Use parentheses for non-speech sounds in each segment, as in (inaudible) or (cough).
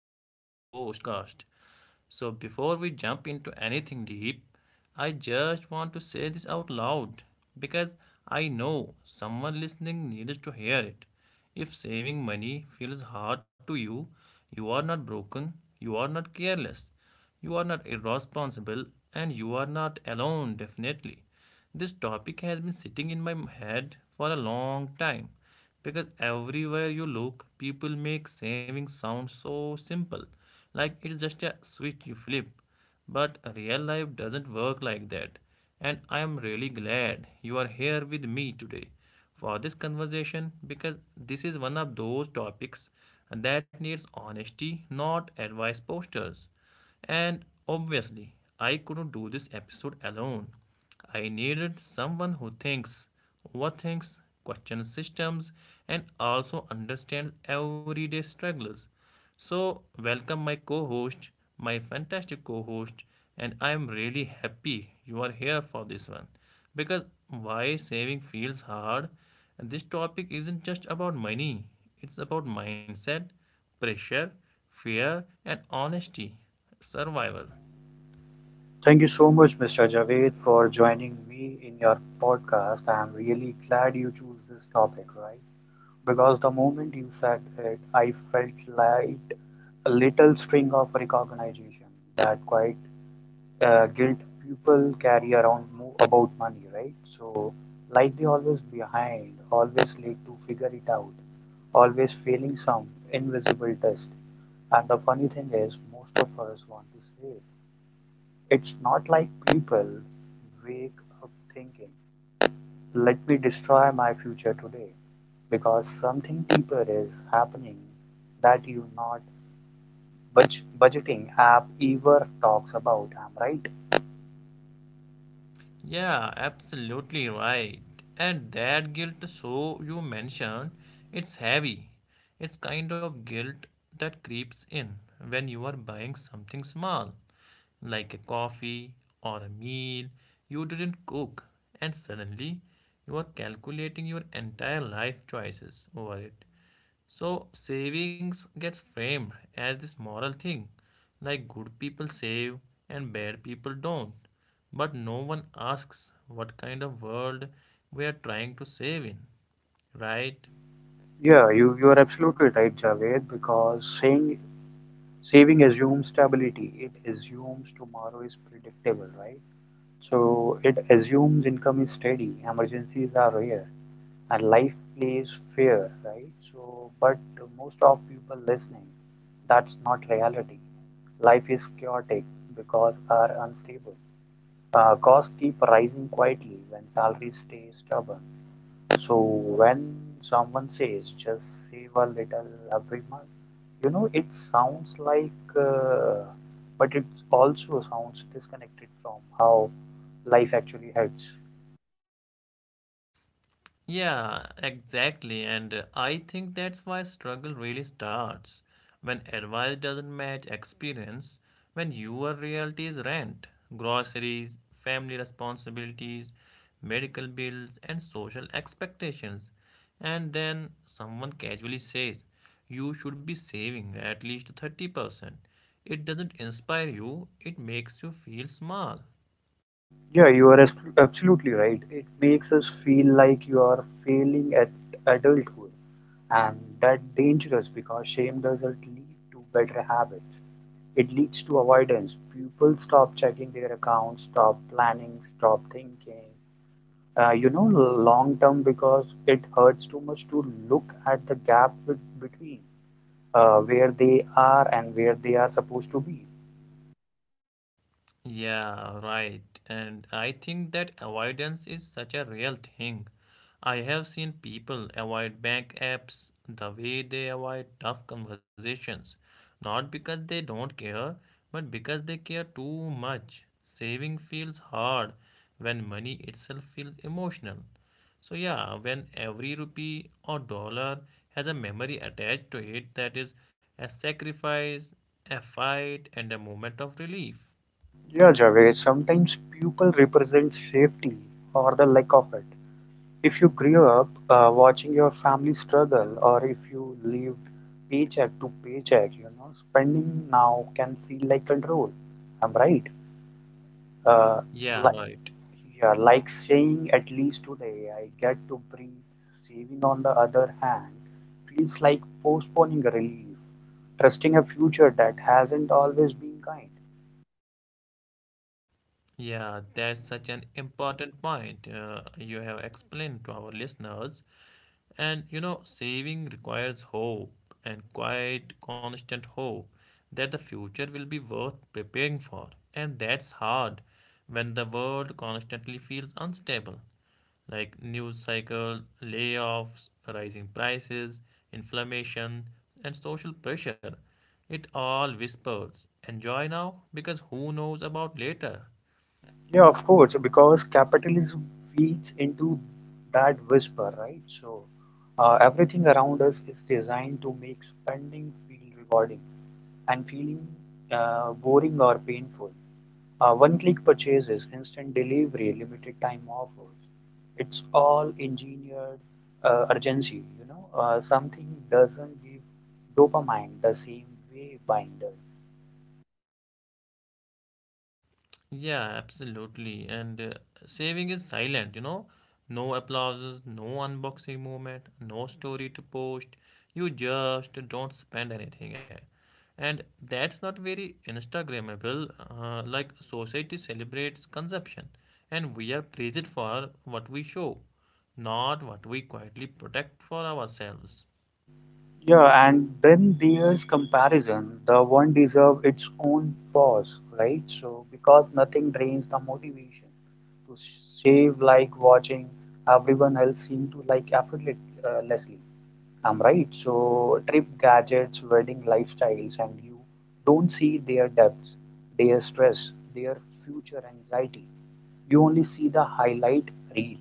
Welcome to the podcast. So, before we jump into anything deep, I just want to say this out loud because I know someone listening needs to hear it. If saving money feels hard to you, you are not broken, you are not careless, you are not irresponsible, and you are not alone, definitely. This topic has been sitting in my head for a long time because everywhere you look, people make saving sound so simple, like it's just a switch you flip. But real life doesn't work like that, and I am really glad you are here with me today for this conversation because this is one of those topics that needs honesty, not advice posters. And obviously, I couldn't do this episode alone. I needed someone who thinks, overthinks, questions systems, and also understands everyday struggles. So, welcome my co host, my fantastic co host, and I am really happy you are here for this one. Because why saving feels hard, and this topic isn't just about money, it's about mindset, pressure, fear, and honesty, survival. Thank you so much, Mr. Javed, for joining me in your podcast. I'm really glad you choose this topic, right? Because the moment you said it, I felt like a little string of recognition that quite guilt people carry around about money, right? So, like they always behind, always late to figure it out, always failing some invisible test. And the funny thing is, most of us want to save, it's not like people wake up thinking, let me destroy my future today, because something deeper is happening that you not budgeting app ever talks about. Am I right? Yeah, absolutely right. And that guilt, so you mentioned, it's heavy. It's kind of guilt that creeps in when you are buying something small, like a coffee or a meal you didn't cook, and suddenly you are calculating your entire life choices over it. So savings gets framed as this moral thing, like good people save and bad people don't. But no one asks what kind of world we are trying to save in, right? Yeah, you are absolutely right, Javed, because saying saving assumes stability. It assumes tomorrow is predictable, right? So it assumes income is steady, emergencies are rare, and life plays fair, right? So, but most of people listening, that's not reality. Life is chaotic because are unstable. Costs keep rising quietly when salaries stay stubborn. So when someone says just save a little every month, you know it sounds like, but it also sounds disconnected from how life actually hurts. Yeah, exactly. And I think that's why struggle really starts when advice doesn't match experience, when your reality is rent, groceries, family responsibilities, medical bills, and social expectations. And then someone casually says, you should be saving at least 30%. It doesn't inspire you, it makes you feel small. Yeah, you are absolutely right. It makes us feel like you are failing at adulthood, and that dangerous because shame doesn't lead to better habits. It leads to avoidance. People stop checking their accounts, stop planning, stop thinking. You know, long term, because it hurts too much to look at the gap with, between where they are and where they are supposed to be. Yeah, right. And I think that avoidance is such a real thing. I have seen people avoid bank apps the way they avoid tough conversations, not because they don't care, but because they care too much. Saving feels hard when money itself feels emotional. So, yeah, when every rupee or dollar has a memory attached to it that is a sacrifice, a fight, and a moment of relief. Yeah, Javed, sometimes people represent safety or the lack of it. If you grew up watching your family struggle, or if you lived paycheck to paycheck, you know, spending now can feel like control. I'm right. Uh, Yeah, like, right. yeah, like saying at least today I get to breathe. Saving, on the other hand, feels like postponing relief, trusting a future that hasn't always been kind. Yeah, that's such an important point you have explained to our listeners. And you know, saving requires hope and quite constant hope that the future will be worth preparing for. And that's hard when the world constantly feels unstable. Like news cycles, layoffs, rising prices, inflammation, and social pressure. It all whispers, enjoy now because who knows about later. Yeah, of course, because capitalism feeds into that whisper, right? So everything around us is designed to make spending feel rewarding and feeling boring or painful. One-click purchases, instant delivery, limited time offers. It's all engineered urgency, you know. Something doesn't give dopamine the same way buying does. Yeah, absolutely. And saving is silent, you know. No applauses, no unboxing moment, no story to post. You just don't spend anything. Eh. And that's not very Instagrammable. Like society celebrates consumption, and we are praised for what we show, not what we quietly protect for ourselves. Yeah, and then there's comparison. The one deserves its own pause, right? So, because nothing drains the motivation to save like watching everyone else seem to like effortlessly. I'm right. So, trip gadgets, wedding lifestyles, and you don't see their depths, their stress, their future anxiety. You only see the highlight reel.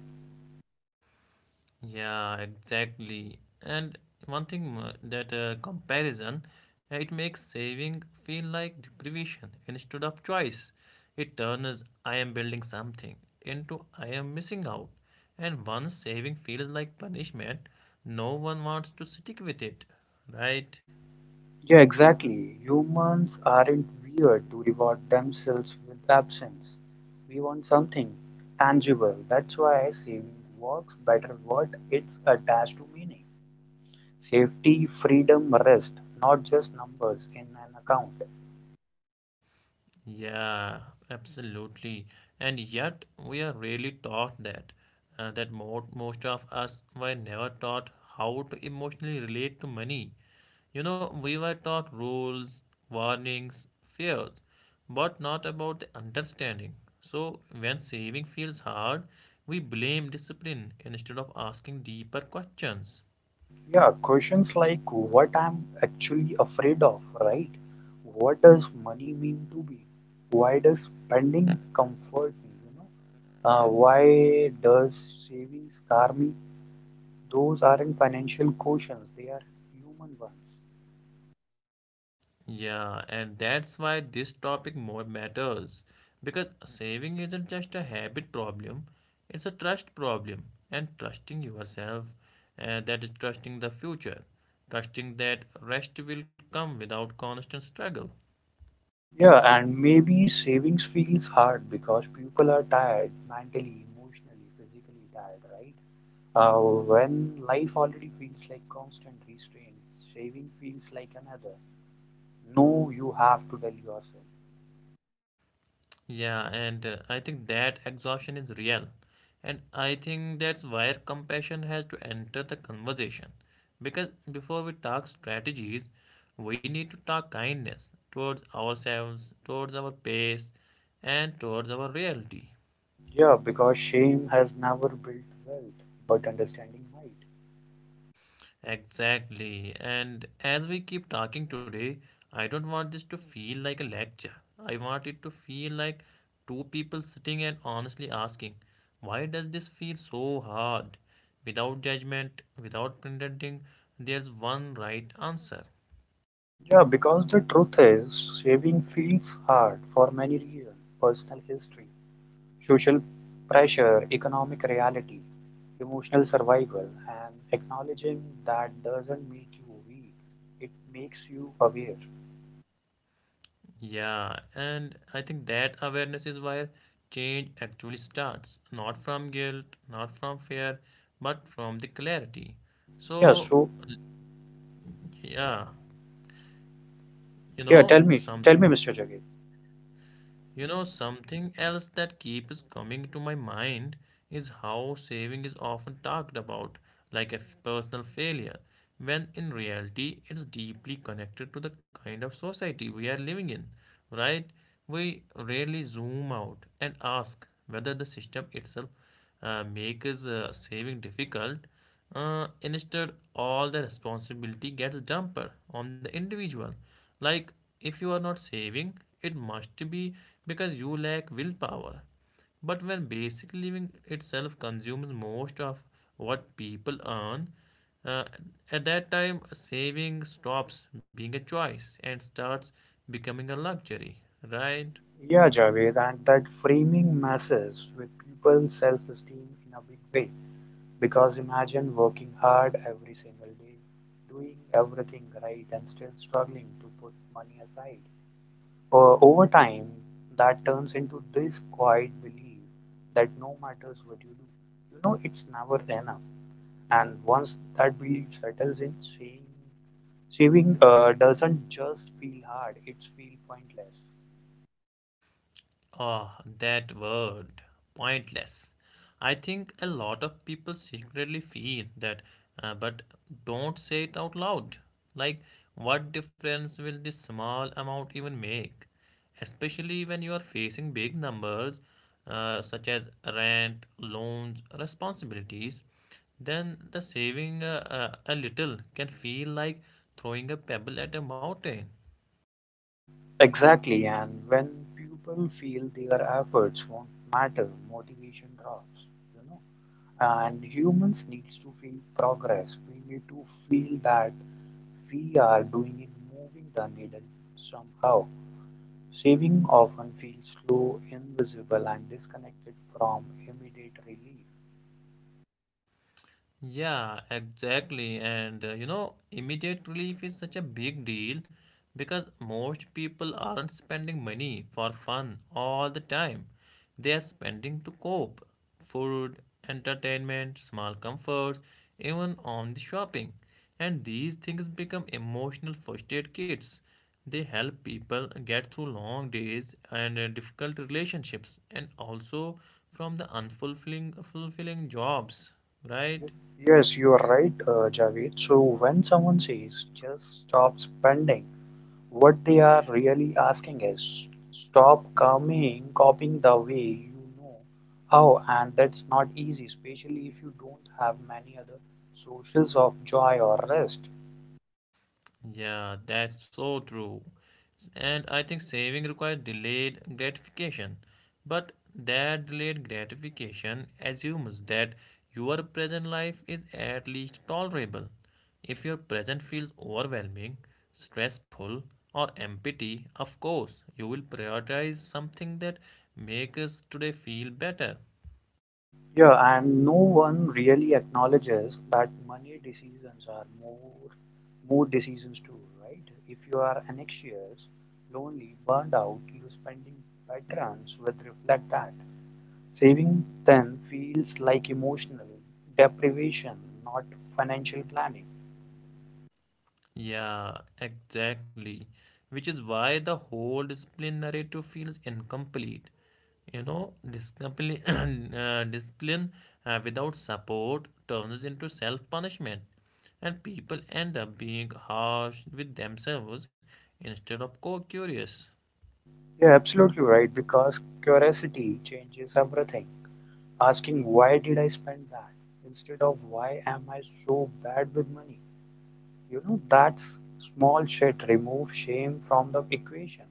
Yeah, exactly. And one thing that comparison, it makes saving feel like deprivation instead of choice. It turns I am building something into I am missing out. And once saving feels like punishment, no one wants to stick with it, right? Yeah, exactly. Humans aren't weird to reward themselves with absence. We want something tangible. That's why saving works better what it's attached to meaning. Safety, freedom, rest, not just numbers in an account. Yeah, absolutely. And yet, we are really taught that. That most of us were never taught how to emotionally relate to money. You know, we were taught rules, warnings, fears, but not about the understanding. So, when saving feels hard, we blame discipline instead of asking deeper questions. Yeah, questions like what I'm actually afraid of, right? What does money mean to me? Why does spending comfort me? You know, why does saving scar me? Those aren't financial questions, they are human ones. Yeah, and that's why this topic more matters because saving isn't just a habit problem, it's a trust problem and trusting yourself and that is trusting the future, trusting that rest will come without constant struggle. Yeah, and maybe savings feels hard because people are tired mentally, emotionally, physically tired, right? Uh, when life already feels like constant restraints, saving feels like another. No, you have to tell yourself. Yeah, and I think that exhaustion is real. And I think that's where compassion has to enter the conversation. Because before we talk strategies, we need to talk kindness towards ourselves, towards our pace, and towards our reality. Yeah, because shame has never built wealth, but understanding might. Exactly. And as we keep talking today, I don't want this to feel like a lecture. I want it to feel like two people sitting and honestly asking, why does this feel so hard? Without judgment, without pretending, there's one right answer. Yeah, because the truth is, saving feels hard for many reasons: personal history, social pressure, economic reality, emotional survival, and acknowledging that doesn't make you weak, it makes you aware. Yeah, and I think that awareness is where change actually starts. Not from guilt, not from fear, but from the clarity. Yeah, So, so, yeah, you yeah, know, something. tell me, Mr. Javed. You know, something else that keeps coming to my mind is how saving is often talked about like a personal failure, when in reality it's deeply connected to the kind of society we are living in, right? We rarely zoom out and ask whether the system itself makes saving difficult. Instead, all the responsibility gets dumped on the individual. Like, if you are not saving, it must be because you lack willpower. But when basic living itself consumes most of what people earn, uh, at that time, saving stops being a choice and starts becoming a luxury, right? Yeah, Javed, and that framing messes with people's self-esteem in a big way. Because imagine working hard every single day, doing everything right, and still struggling to put money aside. Over time, that turns into this quiet belief that no matters what you do, you know it's never enough. And once that belief settles in, saving doesn't just feel hard; it's feel pointless. Oh, that word, pointless. I think a lot of people secretly feel that, but don't say it out loud. Like, what difference will this small amount even make? Especially when you are facing big numbers, such as rent, loans, responsibilities, then the saving a little can feel like throwing a pebble at a mountain. Exactly, and when people feel their efforts won't matter, motivation drops. You know, and humans needs to feel progress, we need to feel that we are doing it, moving the needle somehow. Saving often feels slow, invisible, and disconnected from immediate relief. Yeah, exactly. And you know, immediate relief is such a big deal because most people aren't spending money for fun all the time. They are spending to cope, food, entertainment, small comforts, even on the shopping. And these things become emotional first aid kits. They help people get through long days and difficult relationships and also from the unfulfilling fulfilling jobs, right? Yes you are right, Javed, so when someone says just stop spending, what they are really asking is, stop coming copying the way you know how, and that's not easy, especially if you don't have many other sources of joy or rest. Yeah, that's so true. And I think saving requires delayed gratification. But that delayed gratification assumes that your present life is at least tolerable. If your present feels overwhelming, stressful, or empty, of course, you will prioritize something that makes today feel better. Yeah, and no one really acknowledges that money decisions are more mood decisions too, right? If you are anxious, lonely, burned out, your spending patterns will reflect that. Saving then feels like emotional deprivation, not financial planning. Yeah, exactly. Which is why the whole discipline narrative feels incomplete. You know, (clears throat) discipline without support turns into self punishment, and people end up being harsh with themselves instead of co curious. You're absolutely right because curiosity changes everything. Asking why did I spend that instead of why am I so bad with money? You know, that's small shit remove shame from the equation.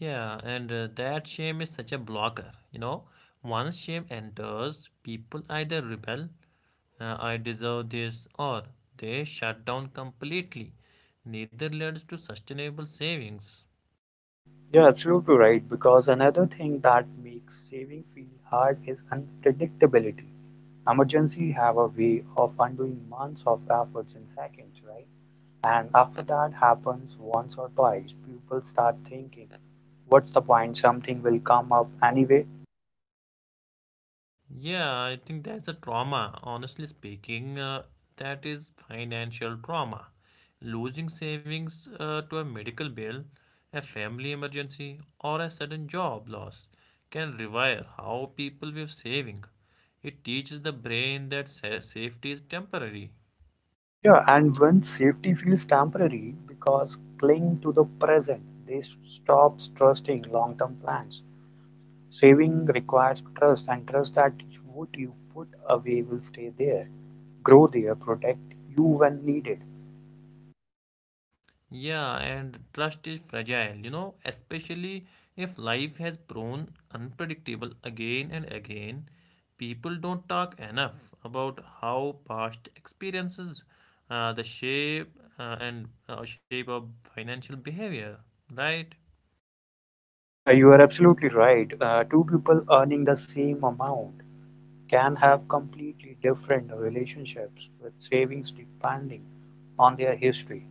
Yeah, and that shame is such a blocker. You know, once shame enters, people either rebel, I deserve this, or they shut down completely. Neither leads to sustainable savings. You're absolutely right because another thing that makes saving feel hard is unpredictability. Emergency have a way of undoing months of efforts in seconds, right? And after that happens once or twice, people start thinking, what's the point? Something will come up anyway. Yeah, I think that's a trauma. Honestly speaking, that is financial trauma. Losing savings to a medical bill, a family emergency, or a sudden job loss can rewire how people view saving. It teaches the brain that safety is temporary. Yeah, and when safety feels temporary because cling to the present, they stop trusting long-term plans. Saving requires trust, and trust that what you put away will stay there, grow there, protect you when needed. Yeah, and trust is fragile, you know, especially if life has proven unpredictable again and again. People don't talk enough about how past experiences, the shape and shape of financial behavior, right? Yeah, you are absolutely right. Two people earning the same amount can have completely different relationships with savings depending on their history.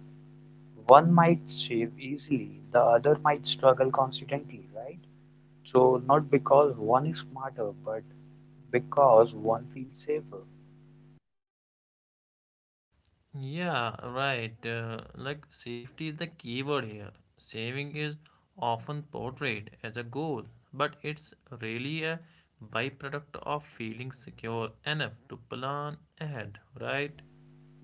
One might save easily, the other might struggle constantly, right? So, not because one is smarter, but because one feels safer. Yeah, right. Like safety is the keyword here. Saving is often portrayed as a goal, but it's really a byproduct of feeling secure enough to plan ahead, right?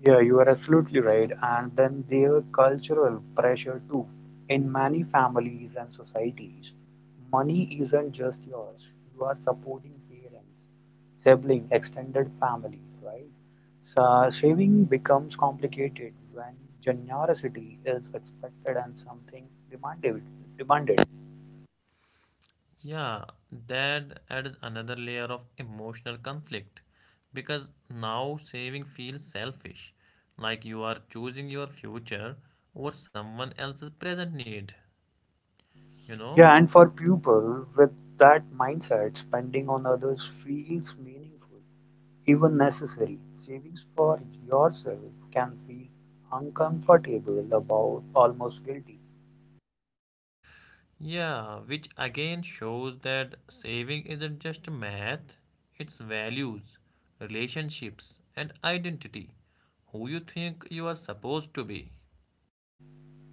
Yeah, you are absolutely right. And then there cultural pressure too. In many families and societies, money isn't just yours. You are supporting parents, sibling, extended family, right? So saving becomes complicated when generosity is expected and something demanded. Demanded. Yeah, that adds another layer of emotional conflict because now saving feels selfish, like you are choosing your future over someone else's present need, you know? Yeah, and for people with that mindset, spending on others feels meaningful. Even necessary, savings for yourself can feel uncomfortable about, almost guilty. Yeah, which again shows that saving isn't just math, it's values, relationships, and identity. Who you think you are supposed to be.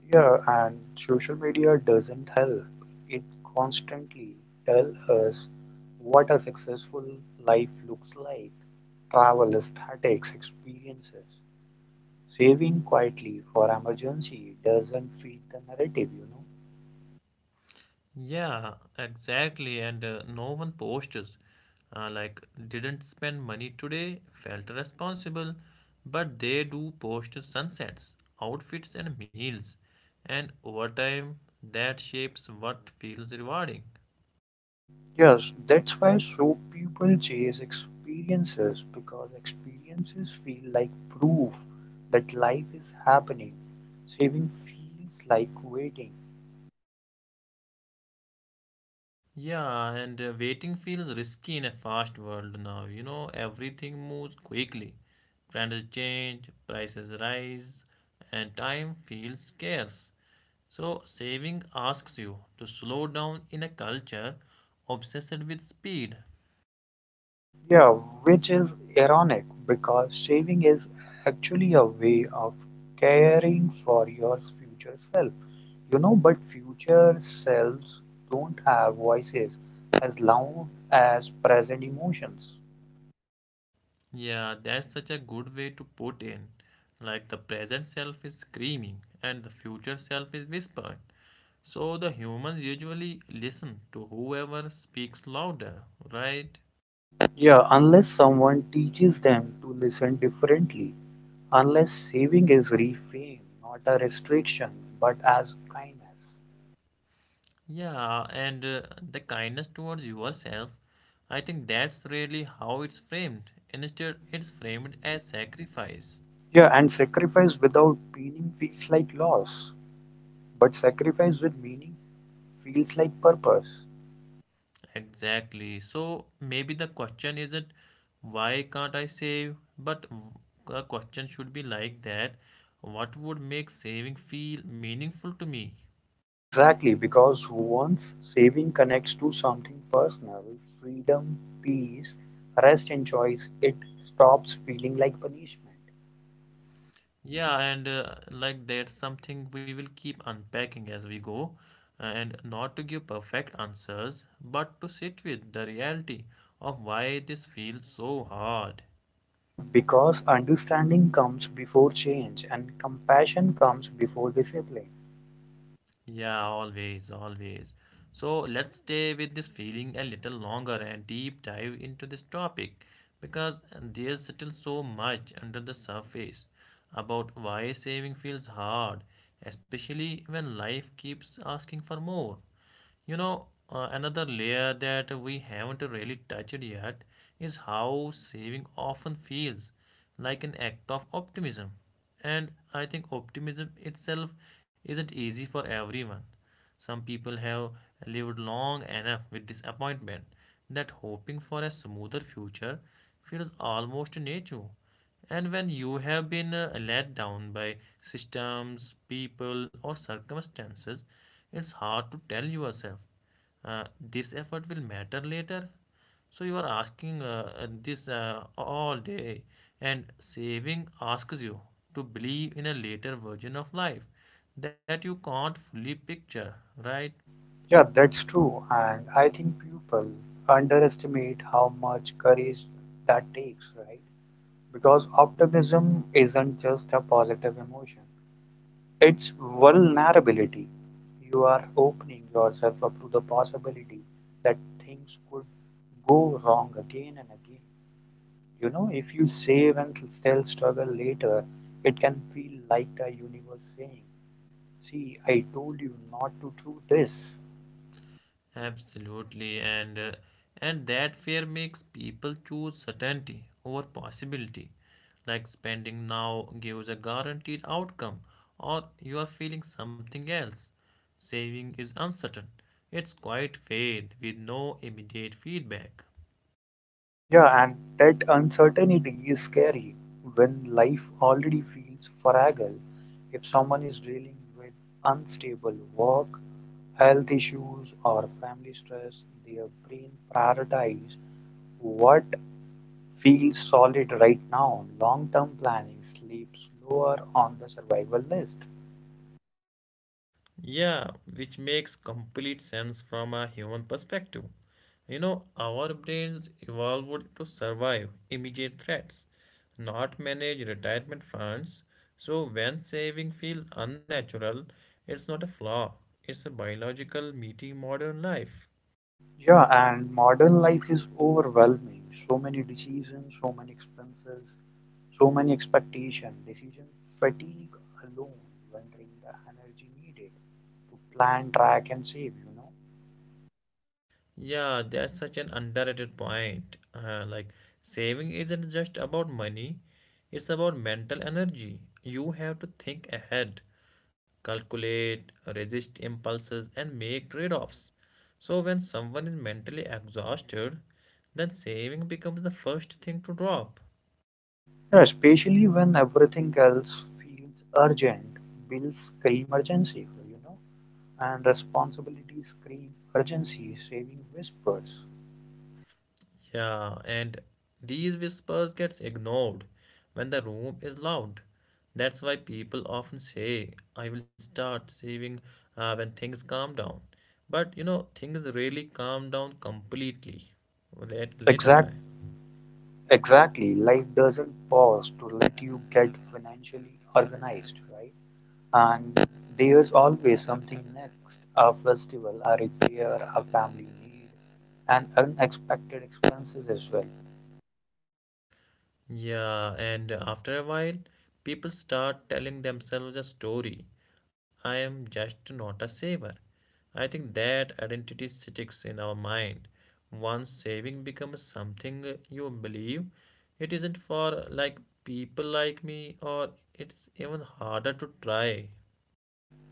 Yeah, and social media doesn't help. It constantly tells us what a successful life looks like: travel aesthetics, experiences. Saving quietly for emergency doesn't fit the narrative, you know. Yeah, exactly, and no one posters. Like, didn't spend money today, felt responsible, but they do post sunsets, outfits, and meals, and over time, that shapes what feels rewarding. Yes, that's why so people chase experiences because experiences feel like proof that life is happening. Saving feels like waiting. Yeah, and waiting feels risky in a fast world now. You know, everything moves quickly. Brands change, prices rise, and time feels scarce. So, saving asks you to slow down in a culture obsessed with speed. Yeah, which is ironic because saving is actually a way of caring for your future self. You know, but future selves don't have voices as loud as present emotions. Yeah, that's such a good way to put in. Like the present self is screaming and the future self is whispering. So, the humans usually listen to whoever speaks louder, right? Yeah, unless someone teaches them to listen differently, unless saving is reframed not a restriction but as kindness. Yeah, and the kindness towards yourself, I think that's really how it's framed. Instead, it's framed as sacrifice. Yeah, and sacrifice without meaning feels like loss, but sacrifice with meaning feels like purpose. Exactly. So maybe the question isn't why can't I save, but the question should be like that. What would make saving feel meaningful to me? Exactly, because once saving connects to something personal, freedom, peace, rest, and choice, it stops feeling like punishment. Yeah, and like that's something we will keep unpacking as we go, and not to give perfect answers, but to sit with the reality of why this feels so hard. Yeah, because understanding comes before change and compassion comes before discipline. Yeah, always, always. So let's stay with this feeling a little longer and deep dive into this topic because there's still so much under the surface about why saving feels hard, especially when life keeps asking for more. You know, another layer that we haven't really touched yet is how saving often feels like an act of optimism. And I think optimism itself isn't easy for everyone. Some people have lived long enough with disappointment that hoping for a smoother future feels almost native. And when you have been let down by systems, people, or circumstances, it's hard to tell yourself this effort will matter later. So you are asking this all day, and saving asks you to believe in a later version of life that you can't fully picture, right? Yeah, that's true. And I think people underestimate how much courage that takes, right? Because optimism isn't just a positive emotion, it's vulnerability. You are opening yourself up to the possibility that things could go wrong again and again. You know, if you save and still struggle later, it can feel like the universe saying, see, I told you not to do this. Absolutely, and and that fear makes people choose certainty over possibility. Like spending now gives a guaranteed outcome, or you are feeling something else. Saving is uncertain. It's quite faith with no immediate feedback. Yeah, and that uncertainty is scary when life already feels fragile. If someone is dealing with unstable work, health issues, or family stress, their brain prioritizes what feels solid right now. Long term planning sleeps lower on the survival list. Yeah, which makes complete sense from a human perspective. You know, our brains evolved to survive immediate threats, not manage retirement funds. So, when saving feels unnatural, it's not a flaw, it's a biological meeting modern life. Yeah, and modern life is overwhelming. So many decisions, so many expenses, so many expectations. Decision fatigue alone when the energy needed to plan, track, and save, you know. Yeah, that's such an underrated point. Like saving isn't just about money, it's about mental energy. You have to think ahead, calculate, resist impulses, and make trade-offs. So when someone is mentally exhausted, then saving becomes the first thing to drop. Yeah, especially when everything else feels urgent, bills scream emergency, you know, and responsibilities scream urgency, saving whispers. Yeah, and these whispers gets ignored when the room is loud. That's why people often say, "I will start saving when things calm down." But you know, things really calm down completely at later Exact, time. exactly. Life doesn't pause to let you get financially organized, right? And there's always something next: a festival, a repair, a family need, and unexpected expenses as well. Yeah, and after a while, people start telling themselves a story. I am just not a saver. I think that identity sticks in our mind. Once saving becomes something you believe, it isn't for like people like me, or it's even harder to try.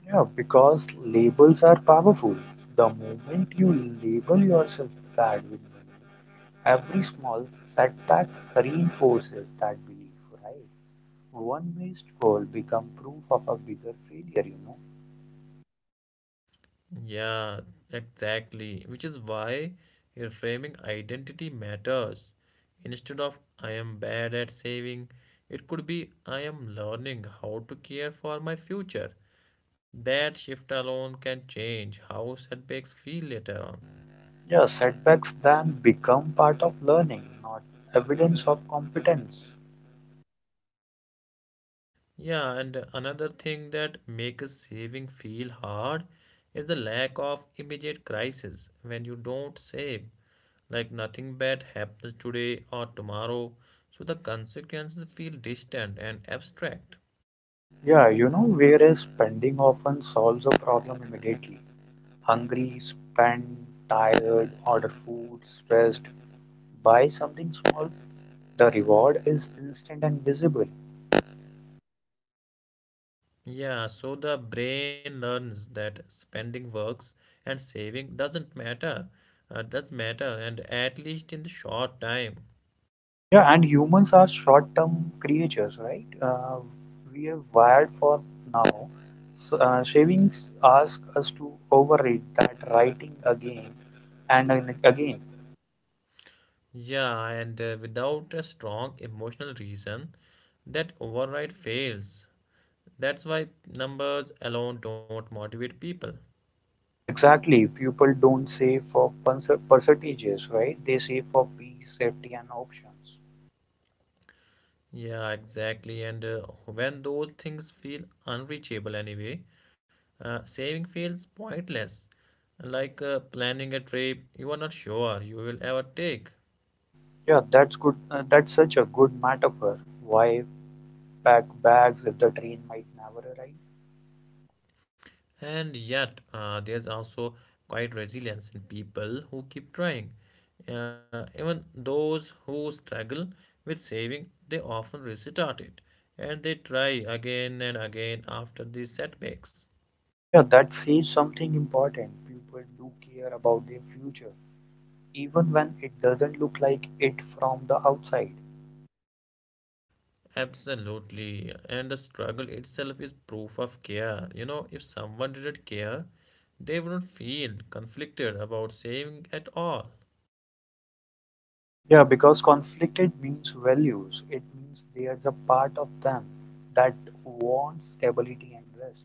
Yeah, because labels are powerful. The moment you label yourself bad with money, every small setback reinforces that belief, right? One missed goal become proof of a bigger failure, you know. Yeah, exactly. Which is why reframing identity matters. Instead of I am bad at saving, it could be I am learning how to care for my future. That shift alone can change how setbacks feel later on. Yeah, setbacks then become part of learning, not evidence of competence. Yeah, and another thing that makes saving feel hard is the lack of immediate crisis when you don't save. Like nothing bad happens today or tomorrow so the consequences feel distant and abstract. Yeah, you know, whereas spending often solves a problem immediately. Hungry, spend, tired, order food, stressed, buy something small. The reward is instant and visible. Yeah, so the brain learns that spending works and saving doesn't matter does matter and at least in the short time. Yeah, and humans are short-term creatures, right? We are wired for now. So, savings ask us to overrate that writing again and again. Yeah, and without a strong emotional reason that override fails. That's why numbers alone don't motivate people. Exactly. People don't save for percentages, right? They save for peace, safety, and options. Yeah, exactly, and when those things feel unreachable anyway, saving feels pointless, like planning a trip you are not sure you will ever take. Yeah, that's good. That's such a good metaphor. Why pack bags if the train might never arrive? And yet, there's also quite resilience in people who keep trying. Even those who struggle with saving, they often restart it and they try again and again after these setbacks. Yeah, that says something important. People do care about their future, even when it doesn't look like it from the outside. Absolutely. And the struggle itself is proof of care. You know, if someone didn't care, they wouldn't feel conflicted about saving at all. Yeah, because conflicted means values. It means there's a part of them that wants stability and rest.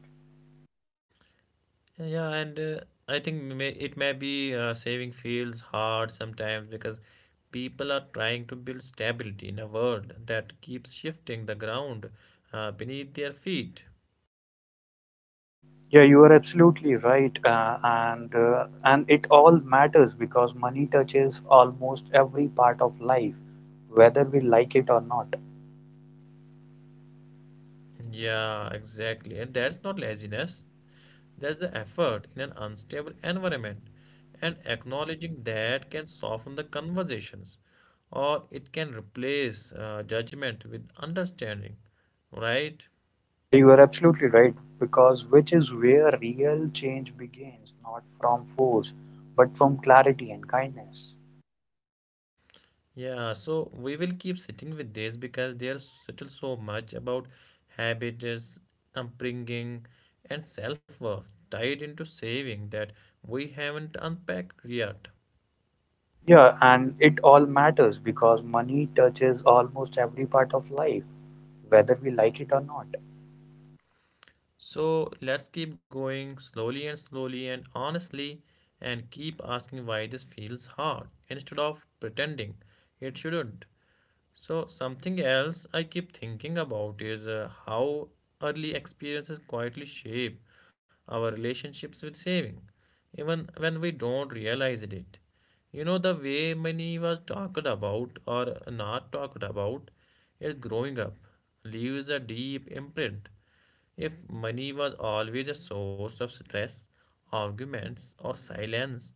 Yeah, and it may be saving feels hard sometimes because people are trying to build stability in a world that keeps shifting the ground beneath their feet. Yeah, you are absolutely right, and and it all matters because money touches almost every part of life, whether we like it or not. Yeah, exactly. And that's not laziness. There's the effort in an unstable environment, and acknowledging that can soften the conversations or it can replace judgment with understanding, right? Yeah, you are absolutely right because which is where real change begins, not from force, but from clarity and kindness. Yeah, so we will keep sitting with this because there's still so much about habits, upbringing, and self worth tied into saving that we haven't unpacked yet. Yeah, and it all matters because money touches almost every part of life, whether we like it or not. So let's keep going slowly and slowly and honestly and keep asking why this feels hard instead of pretending it shouldn't. So, something else I keep thinking about is how early experiences quietly shape our relationships with saving, even when we don't realize it. You know, the way money was talked about or not talked about is growing up, leaves a deep imprint. If money was always a source of stress, arguments, or silence,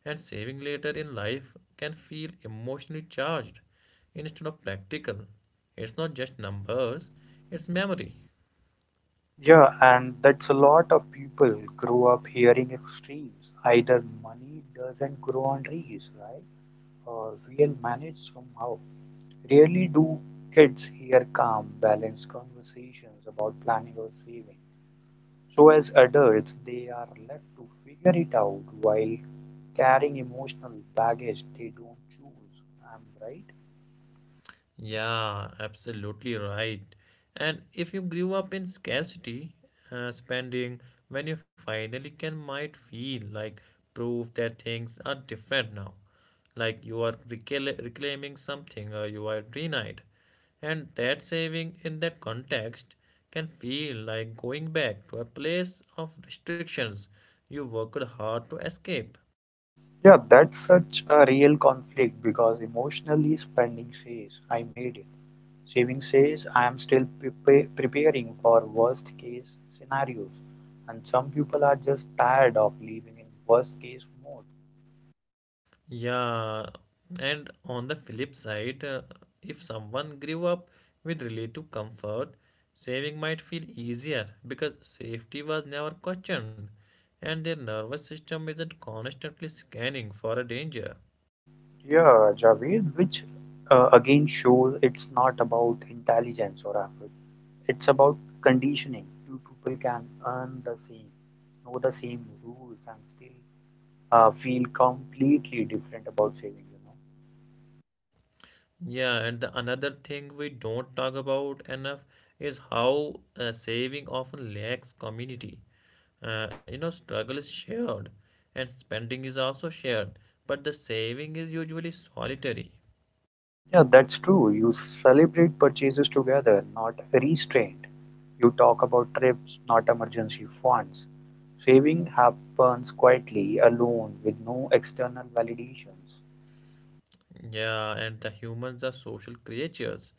and saving later in life can feel emotionally charged instead of practical. It's not just numbers, it's memory. Yeah, and that's a lot of people grow up hearing extremes. Either money doesn't grow on trees, right? Or we'll manage somehow. Rarely do kids hear calm, balanced conversations about planning or saving. So as adults, they are left to figure it out while carrying emotional baggage they don't choose. Am I right? Yeah, absolutely right. And if you grew up in scarcity, spending when you finally can might feel like proof that things are different now. Like you are reclaiming something or you are denied. And that saving in that context can feel like going back to a place of restrictions you worked hard to escape. Yeah, that's such a real conflict because emotionally spending says, I made it. Shaving says I am still preparing for worst-case scenarios, and some people are just tired of living in worst-case mode. Yeah, and on the flip side, if someone grew up with relative comfort, saving might feel easier because safety was never questioned and their nervous system isn't constantly scanning for a danger. Yeah, Javed, which again shows it's not about intelligence or effort. It's about conditioning. Two people can earn the same, know the same rules, and still feel completely different about saving. Yeah, and the another thing we don't talk about enough is how saving often lacks community. You know, struggle is shared and spending is also shared, but the saving is usually solitary. Yeah, that's true. You celebrate purchases together, not restrained. You talk about trips, not emergency funds. Saving happens quietly, alone, with no external validations. Yeah, and the humans are social creatures.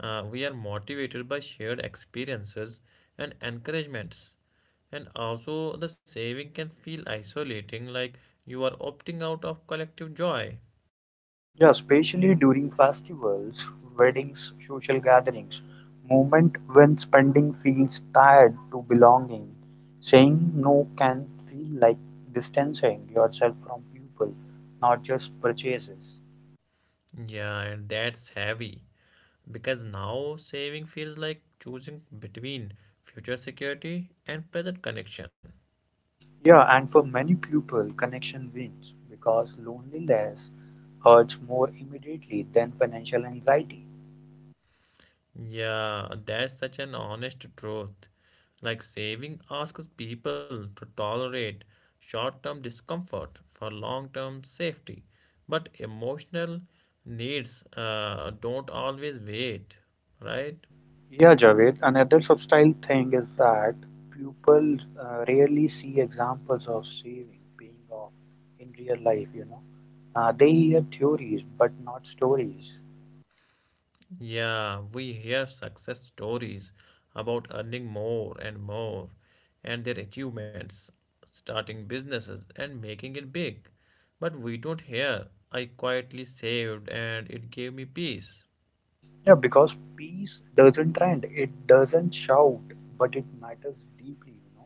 We are motivated by shared experiences and encouragements. And also, the saving can feel isolating, like you are opting out of collective joy. Yeah, especially during festivals, weddings, social gatherings, moment when spending feels tied to belonging. Saying no can feel like distancing yourself from people, not just purchases. Yeah, and that's heavy because now saving feels like choosing between future security and present connection. Yeah, and for many people, connection wins because loneliness hurts more immediately than financial anxiety. Yeah, that's such an honest truth. Like saving asks people to tolerate short term discomfort for long term safety. But emotional needs don't always wait, right? Yeah, Javed, another subtle thing is that people rarely see examples of saving paying off in real life. They hear theories but not stories. Yeah, we hear success stories about earning more and more and their achievements, starting businesses and making it big. But we don't hear. I quietly saved and it gave me peace. Yeah, because peace doesn't trend, it doesn't shout, but it matters deeply.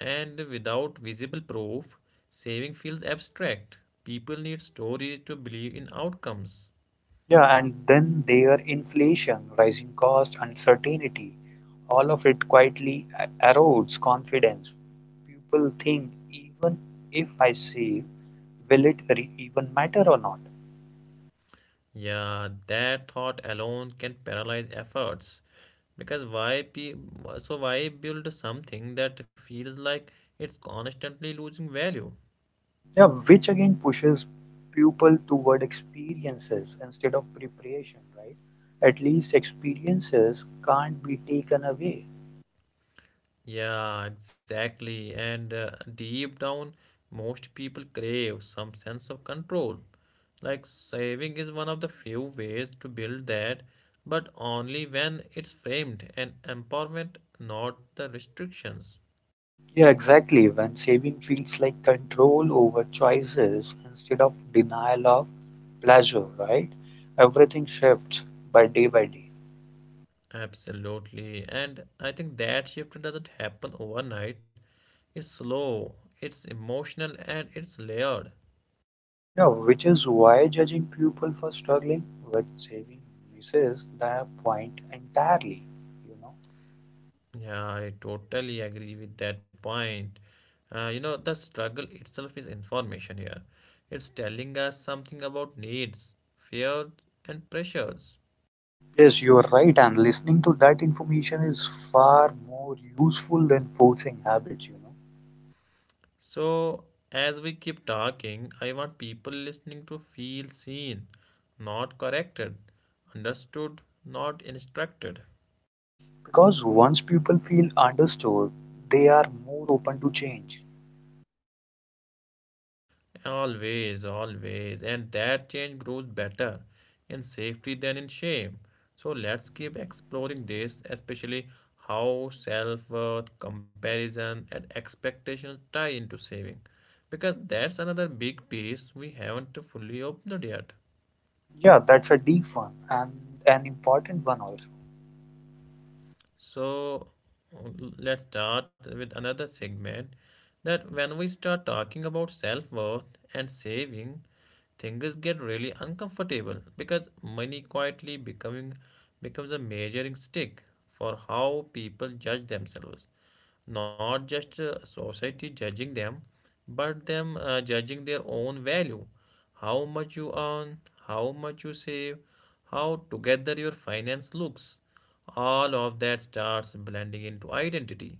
And without visible proof, saving feels abstract. People need stories to believe in outcomes. Yeah, and then there inflation, rising cost, uncertainty, all of it quietly erodes confidence. People think even if I save, will it even matter or not? Yeah, that thought alone can paralyze efforts. Because why pe- so why build something that feels like it's constantly losing value? Yeah, which again pushes people toward experiences instead of preparation, right? At least experiences can't be taken away. Yeah, exactly. And deep down, most people crave some sense of control. Like saving is one of the few ways to build that, but only when it's framed and empowerment, not the restrictions. Yeah, exactly. When saving feels like control over choices instead of denial of pleasure, right? Everything shifts by day by day. Absolutely. And I think that shift doesn't happen overnight. It's slow, it's emotional, and it's layered. Yeah, which is why judging people for struggling with saving misses the point entirely, you know. Yeah, I totally agree with that point. You know, the struggle itself is information here. It's telling us something about needs, fears, and pressures. Yes, you are right, and listening to that information is far more useful than forcing habits. So, as we keep talking, I want people listening to feel seen, not corrected, understood, not instructed. Because once people feel understood, they are more open to change. Always, always. And that change grows better in safety than in shame. So let's keep exploring this, especially how self worth, comparison, and expectations tie into saving. Because that's another big piece we haven't fully opened yet. Yeah, that's a deep one and an important one also. So let's start with another segment that when we start talking about self worth and saving, things get really uncomfortable because money quietly becoming becomes a measuring stick for how people judge themselves, not just society judging them but them judging their own value, how much you earn, how much you save, how together your finance looks, all of that starts blending into identity,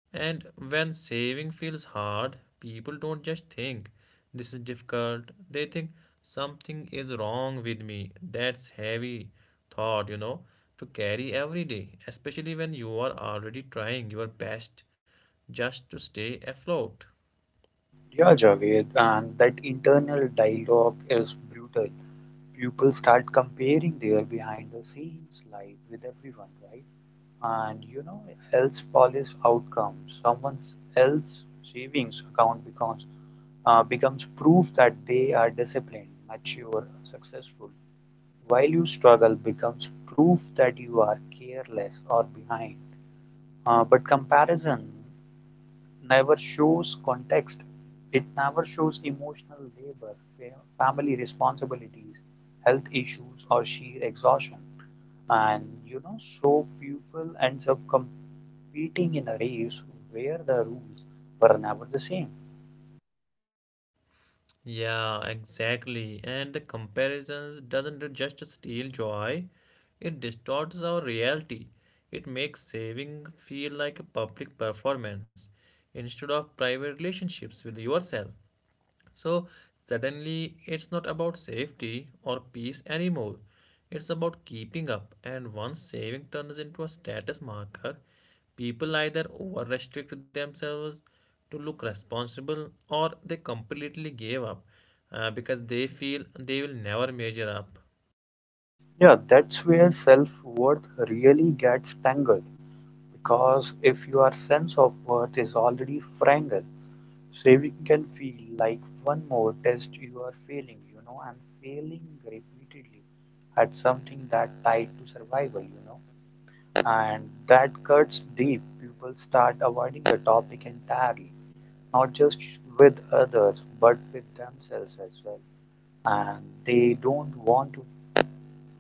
and when saving feels hard, people don't just think this is difficult. They think something is wrong with me. That's heavy thought, you know, to carry every day, especially when you are already trying your best just to stay afloat. Yeah, Javed, and that internal dialogue is brutal. People start comparing their behind the scenes life with everyone, right? And else polish outcomes, someone else savings account becomes becomes proof that they are disciplined, mature, successful. While you struggle becomes proof that you are careless or behind. But comparison never shows context, it never shows emotional labor, family responsibilities, health issues, or sheer exhaustion. And so people ends up competing in a race where the rules were never the same. Yeah, exactly. And the comparisons doesn't just steal joy, it distorts our reality. It makes saving feel like a public performance instead of private relationships with yourself. So suddenly it's not about safety or peace anymore. It's about keeping up, and once saving turns into a status marker, people either over restrict themselves to look responsible or they completely give up because they feel they will never measure up. Yeah, that's where self-worth really gets tangled because if your sense of worth is already fragile, saving can feel like one more test you are failing, and failing repeatedly at something that tied to survival, and that cuts deep. People start avoiding the topic entirely, not just with others, but with themselves as well. And they don't want to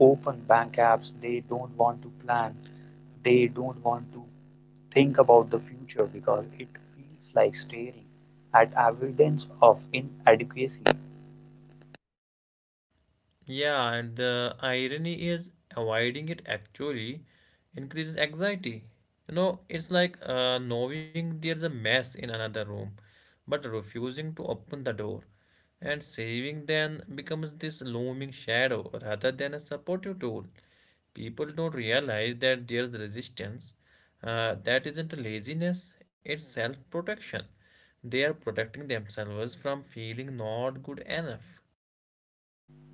open bank apps, they don't want to plan, they don't want to think about the future because it feels like staring at evidence of inadequacy. Yeah, and the irony is avoiding it actually increases anxiety. You know, it's like knowing there's a mess in another room, but refusing to open the door. And saving then becomes this looming shadow rather than a supportive tool. People don't realize that there's resistance. That isn't laziness, it's self protection. They are protecting themselves from feeling not good enough.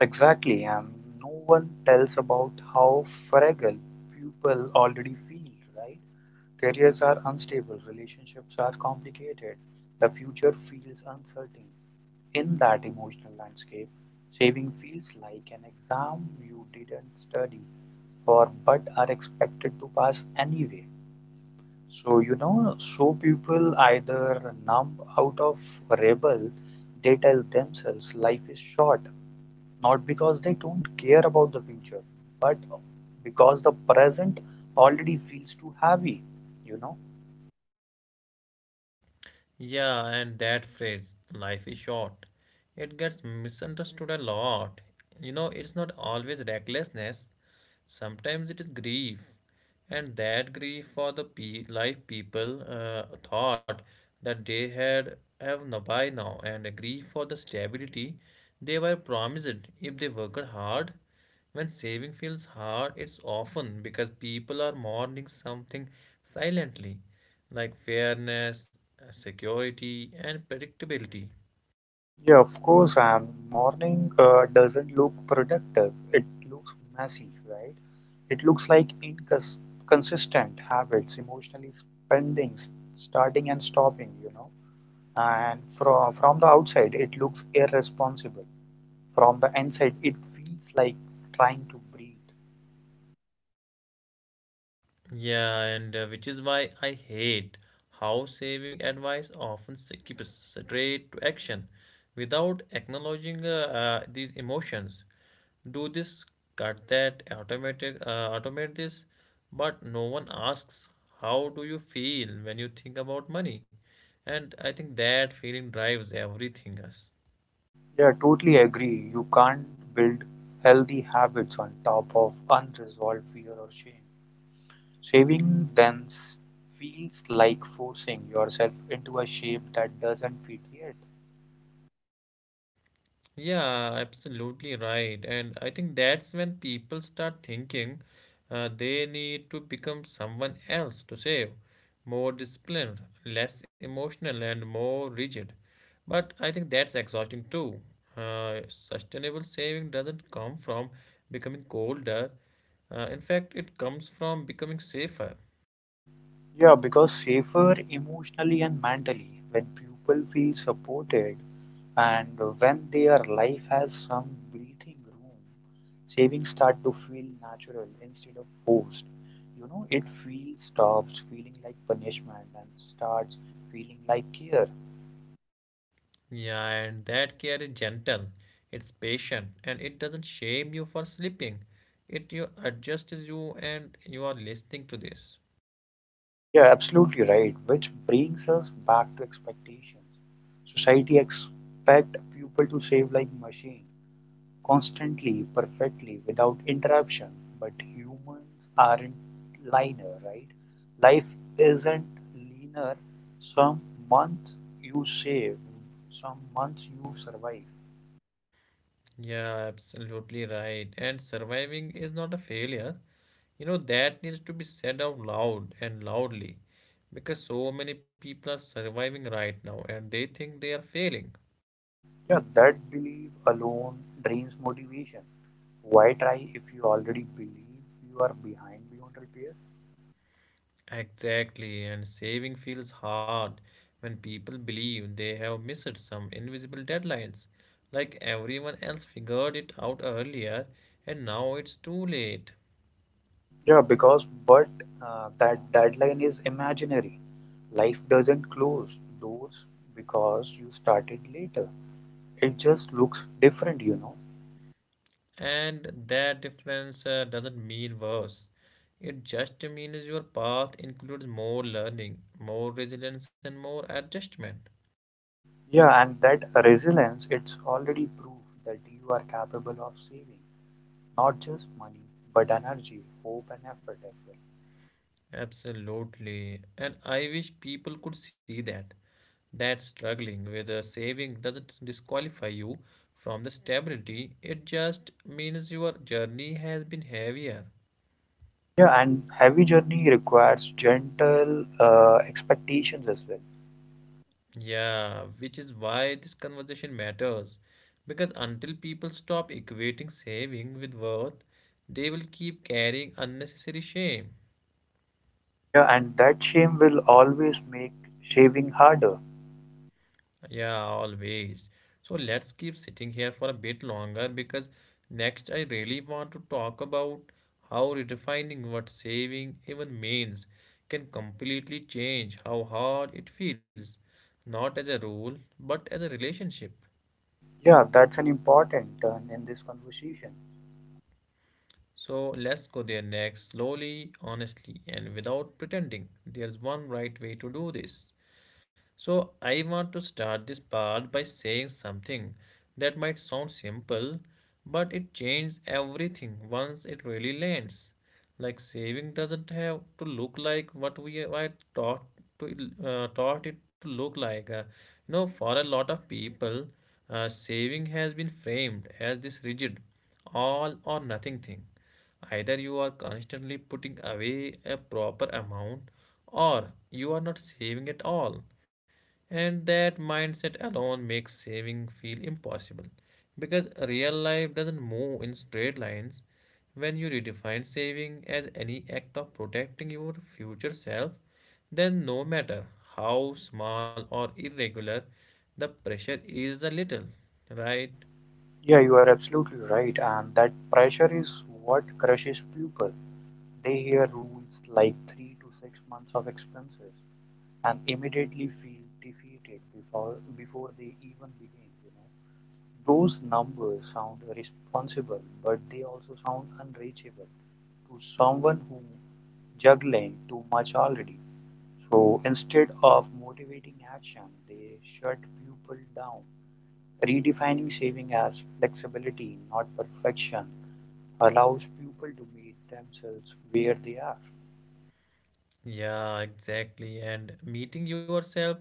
Exactly, and no one tells about how fragile people already feel, right? Careers are unstable, relationships are complicated, the future feels uncertain. In that emotional landscape, saving feels like an exam you didn't study for but are expected to pass anyway. So people either numb out of rebel, they tell themselves life is short, not because they don't care about the future, but because the present already feels too heavy, you know. Yeah, and that phrase, life is short, it gets misunderstood a lot. You know, it's not always recklessness, sometimes it is grief. And that grief for the life people thought that they had have no by now, and a grief for the stability they were promised if they worked hard. When saving feels hard, it's often because people are mourning something silently like fairness, security, and predictability. Yeah, of course, and morning doesn't look productive. It looks messy, right? It looks like inconsistent habits, emotionally spending, starting and stopping. And from the outside, it looks irresponsible. From the inside, it feels like trying to breathe. Yeah, and which is why I hate how saving advice often skips straight to action without acknowledging these emotions. Do this, cut that, automate this, but no one asks how do you feel when you think about money, and I think that feeling drives everything us. Yeah, totally agree. You can't build healthy habits on top of unresolved fear or shame. Saving thence feels like forcing yourself into a shape that doesn't fit yet. Yeah, absolutely right. And I think that's when people start thinking they need to become someone else to save, more disciplined, less emotional, and more rigid. But I think that's exhausting too. Sustainable saving doesn't come from becoming colder. In fact, it comes from becoming safer. Yeah, because safer emotionally and mentally when people feel supported and when their life has some breathing room, savings start to feel natural instead of forced. You know, it feels stops feeling like punishment and starts feeling like care. Yeah, and that care is gentle, it's patient, and it doesn't shame you for sleeping. It you adjusts you and you are listening to this. Yeah, absolutely right. Which brings us back to expectations. Society expect people to save like machine, constantly, perfectly, without interruption. But humans aren't linear, right? Life isn't linear. Some months you save, some months you survive. Yeah, absolutely right. And surviving is not a failure. You know, that needs to be said out loud and loudly because so many people are surviving right now and they think they are failing. Yeah, that belief alone drains motivation. Why try if you already believe you are behind beyond repair? Exactly, and saving feels hard when people believe they have missed some invisible deadlines, like everyone else figured it out earlier and now it's too late. Yeah, because but that deadline is imaginary. Life doesn't close doors because you started later. It just looks different, you know. And that difference doesn't mean worse. It just means your path includes more learning, more resilience, and more adjustment. Yeah, and that resilience, it's already proof that you are capable of saving not just money, but energy, hope, and effort as well. Absolutely. And I wish people could see that, that struggling with a saving doesn't disqualify you from the stability, it just means your journey has been heavier. Yeah, and heavy journey requires gentle expectations as well. Yeah, which is why this conversation matters. Because until people stop equating saving with worth, they will keep carrying unnecessary shame. Yeah, and that shame will always make shaving harder. Yeah, always. So let's keep sitting here for a bit longer because next I really want to talk about how redefining what saving even means can completely change how hard it feels, not as a rule, but as a relationship. Yeah, that's an important turn in this conversation. So let's go there next, slowly, honestly, and without pretending there's one right way to do this. So, I want to start this part by saying something that might sound simple, but it changes everything once it really lands. Like saving doesn't have to look like what we are taught to taught it to look like. You know, for a lot of people, saving has been framed as this rigid all or nothing thing. Either you are constantly putting away a proper amount or you are not saving at all. And that mindset alone makes saving feel impossible because real life doesn't move in straight lines. When you redefine saving as any act of protecting your future self, then no matter how small or irregular, the pressure is a little, right? Yeah, you are absolutely right, and that pressure is what crushes people. They hear rules like 3 to 6 months of expenses and immediately feel defeated before they even begin. Those numbers sound responsible, but they also sound unreachable to someone who juggling too much already. So instead of motivating action, they shut people down. Redefining saving as flexibility, not perfection, allows people to meet themselves where they are. Yeah, exactly. And meeting yourself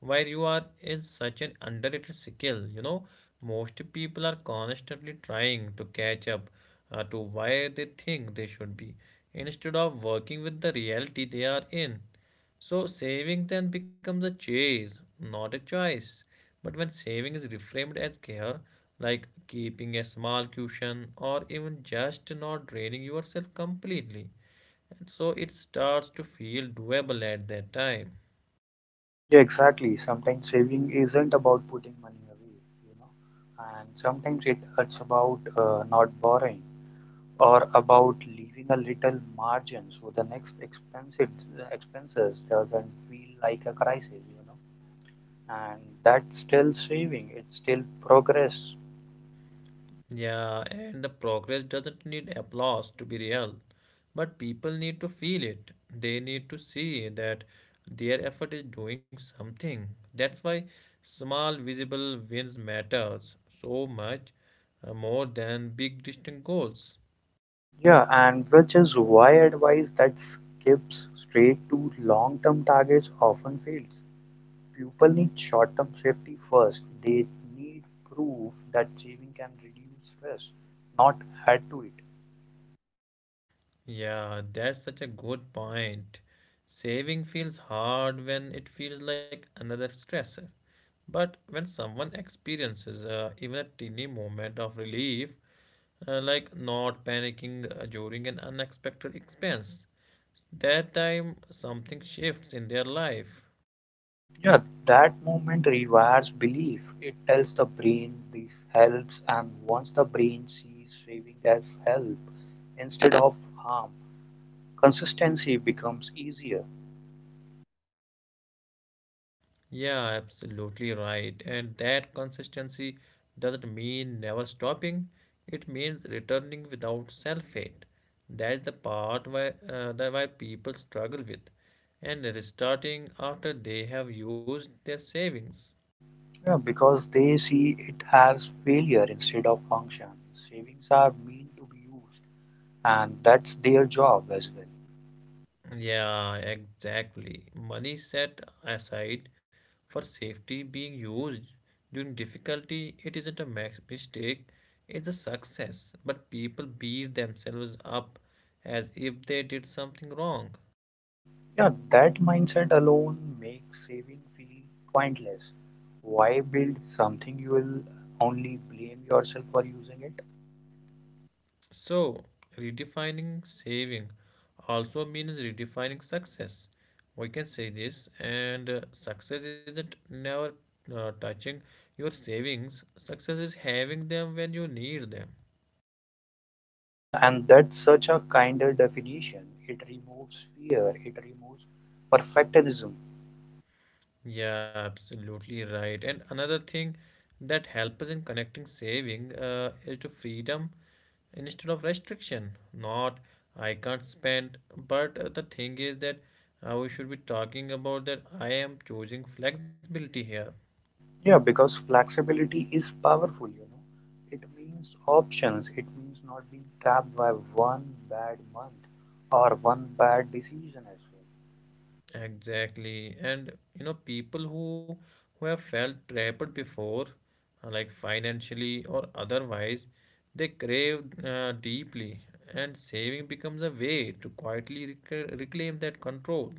where you are is such an underrated skill. You know, most people are constantly trying to catch up to where they think they should be instead of working with the reality they are in. So, saving then becomes a chase, not a choice. But when saving is reframed as care, like keeping a small cushion or even just not draining yourself completely, and so it starts to feel doable at that time. Yeah, exactly. Sometimes saving isn't about putting money away, you know, and sometimes it's about not borrowing or about leaving a little margin so the next expensive expenses doesn't feel like a crisis, and that's still saving. It's still progress. Yeah, and the progress doesn't need applause to be real, but people need to feel it. They need to see that their effort is doing something. That's why small visible wins matters so much, more than big distant goals. Yeah, and which is why advice that skips straight to long-term targets often fails. People need short-term safety first. They need proof that saving can reduce stress, not add to it. Yeah, that's such a good point. Saving feels hard when it feels like another stressor. But when someone experiences even a teeny moment of relief, like not panicking during an unexpected expense, that time something shifts in their life. Yeah, that movement rewires belief. It tells the brain this helps, and once the brain sees saving as help instead of harm, consistency becomes easier. Yeah, absolutely right. And that consistency doesn't mean never stopping, it means returning without self hate. That's the part where, that why people struggle with. And restarting after they have used their savings. Yeah, because they see it as failure instead of function. Savings are meant to be used, and that's their job as well. Yeah, exactly. Money set aside for safety being used during difficulty, it isn't a max mistake, it's a success. But people beat themselves up as if they did something wrong. Yeah, that mindset alone makes saving feel pointless. Why build something you will only blame yourself for using it? So, redefining saving also means redefining success. We can say this, and success isn't never touching your savings, success is having them when you need them. Yeah, and that's such a kinder definition. It removes fear, it removes perfectionism. Yeah, absolutely right. And another thing that helps us in connecting saving is to freedom instead of restriction. Not I can't spend, but the thing is that we should be talking about that I am choosing flexibility here. Yeah, because flexibility is powerful, you know. It means options, it means not being trapped by one bad month or one bad decision as well. Exactly. And you know, people who have felt trapped before, like financially or otherwise, they crave deeply, and saving becomes a way to quietly reclaim that control.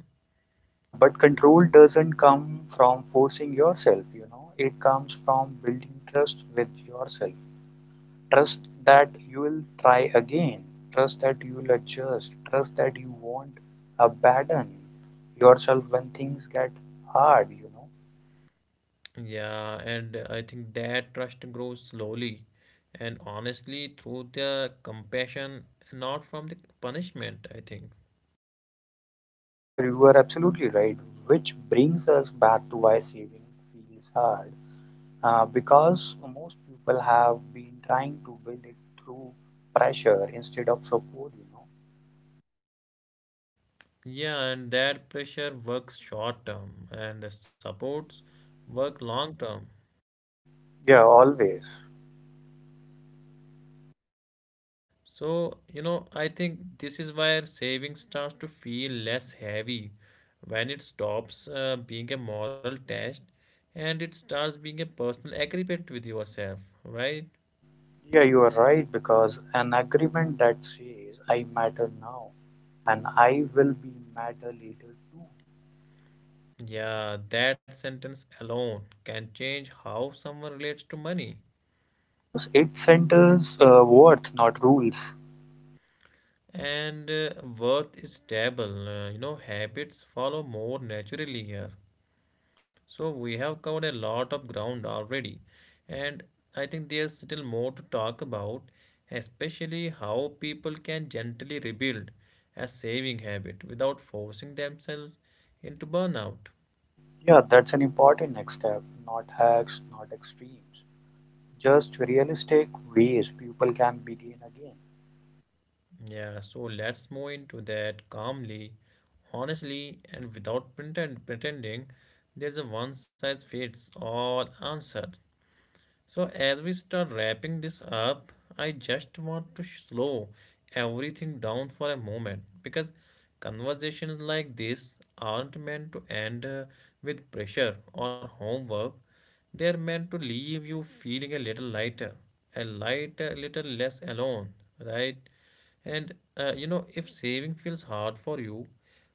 Yeah, but control doesn't come from forcing yourself, you know. It comes from building trust with yourself. Trust that you will try again, trust that you will adjust, trust that you won't abandon yourself when things get hard. Yeah, and I think that trust grows slowly and honestly through the compassion, not from the punishment, I think. Yeah, you are absolutely right. Which brings us back to why saving feels hard. Because most people have been trying to build it through pressure instead of support. Yeah, and that pressure works short term and supports work long term. Yeah, always. So, you know, I think this is where saving starts to feel less heavy when it stops being a moral test and it starts being a personal agreement with yourself, right? Yeah, you are right. Because an agreement that says I matter now and I will be matter later too. Yeah, that sentence alone can change how someone relates to money. Because it centers worth, not rules. And worth is stable, you know, habits follow more naturally here. So we have covered a lot of ground already, and I think there's still more to talk about, especially how people can gently rebuild a saving habit without forcing themselves into burnout. Yeah, that's an important next step, not hacks, not extremes. Just realistic ways people can begin again. Yeah, so let's move into that calmly, honestly, and without pretending there's a one size fits all answer. So, as we start wrapping this up, I just want to slow everything down for a moment because conversations like this aren't meant to end, with pressure or homework. They're meant to leave you feeling a little lighter, little less alone, right? And you know, if saving feels hard for you,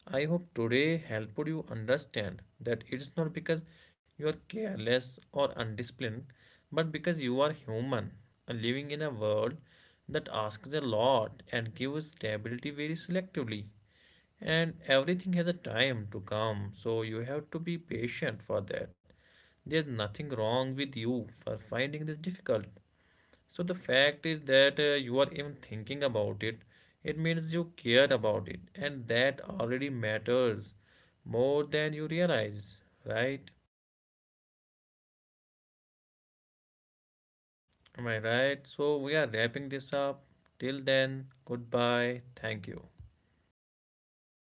I hope today helped you understand that it's not because you are careless or undisciplined, but because you are human and living in a world that asks a lot and gives stability very selectively. And everything has a time to come, so you have to be patient for that. There's nothing wrong with you for finding this difficult. So the fact is that you are even thinking about it. It means you care about it, and that already matters more than you realize, right? Am I right? So we are wrapping this up. Till then, goodbye. Thank you.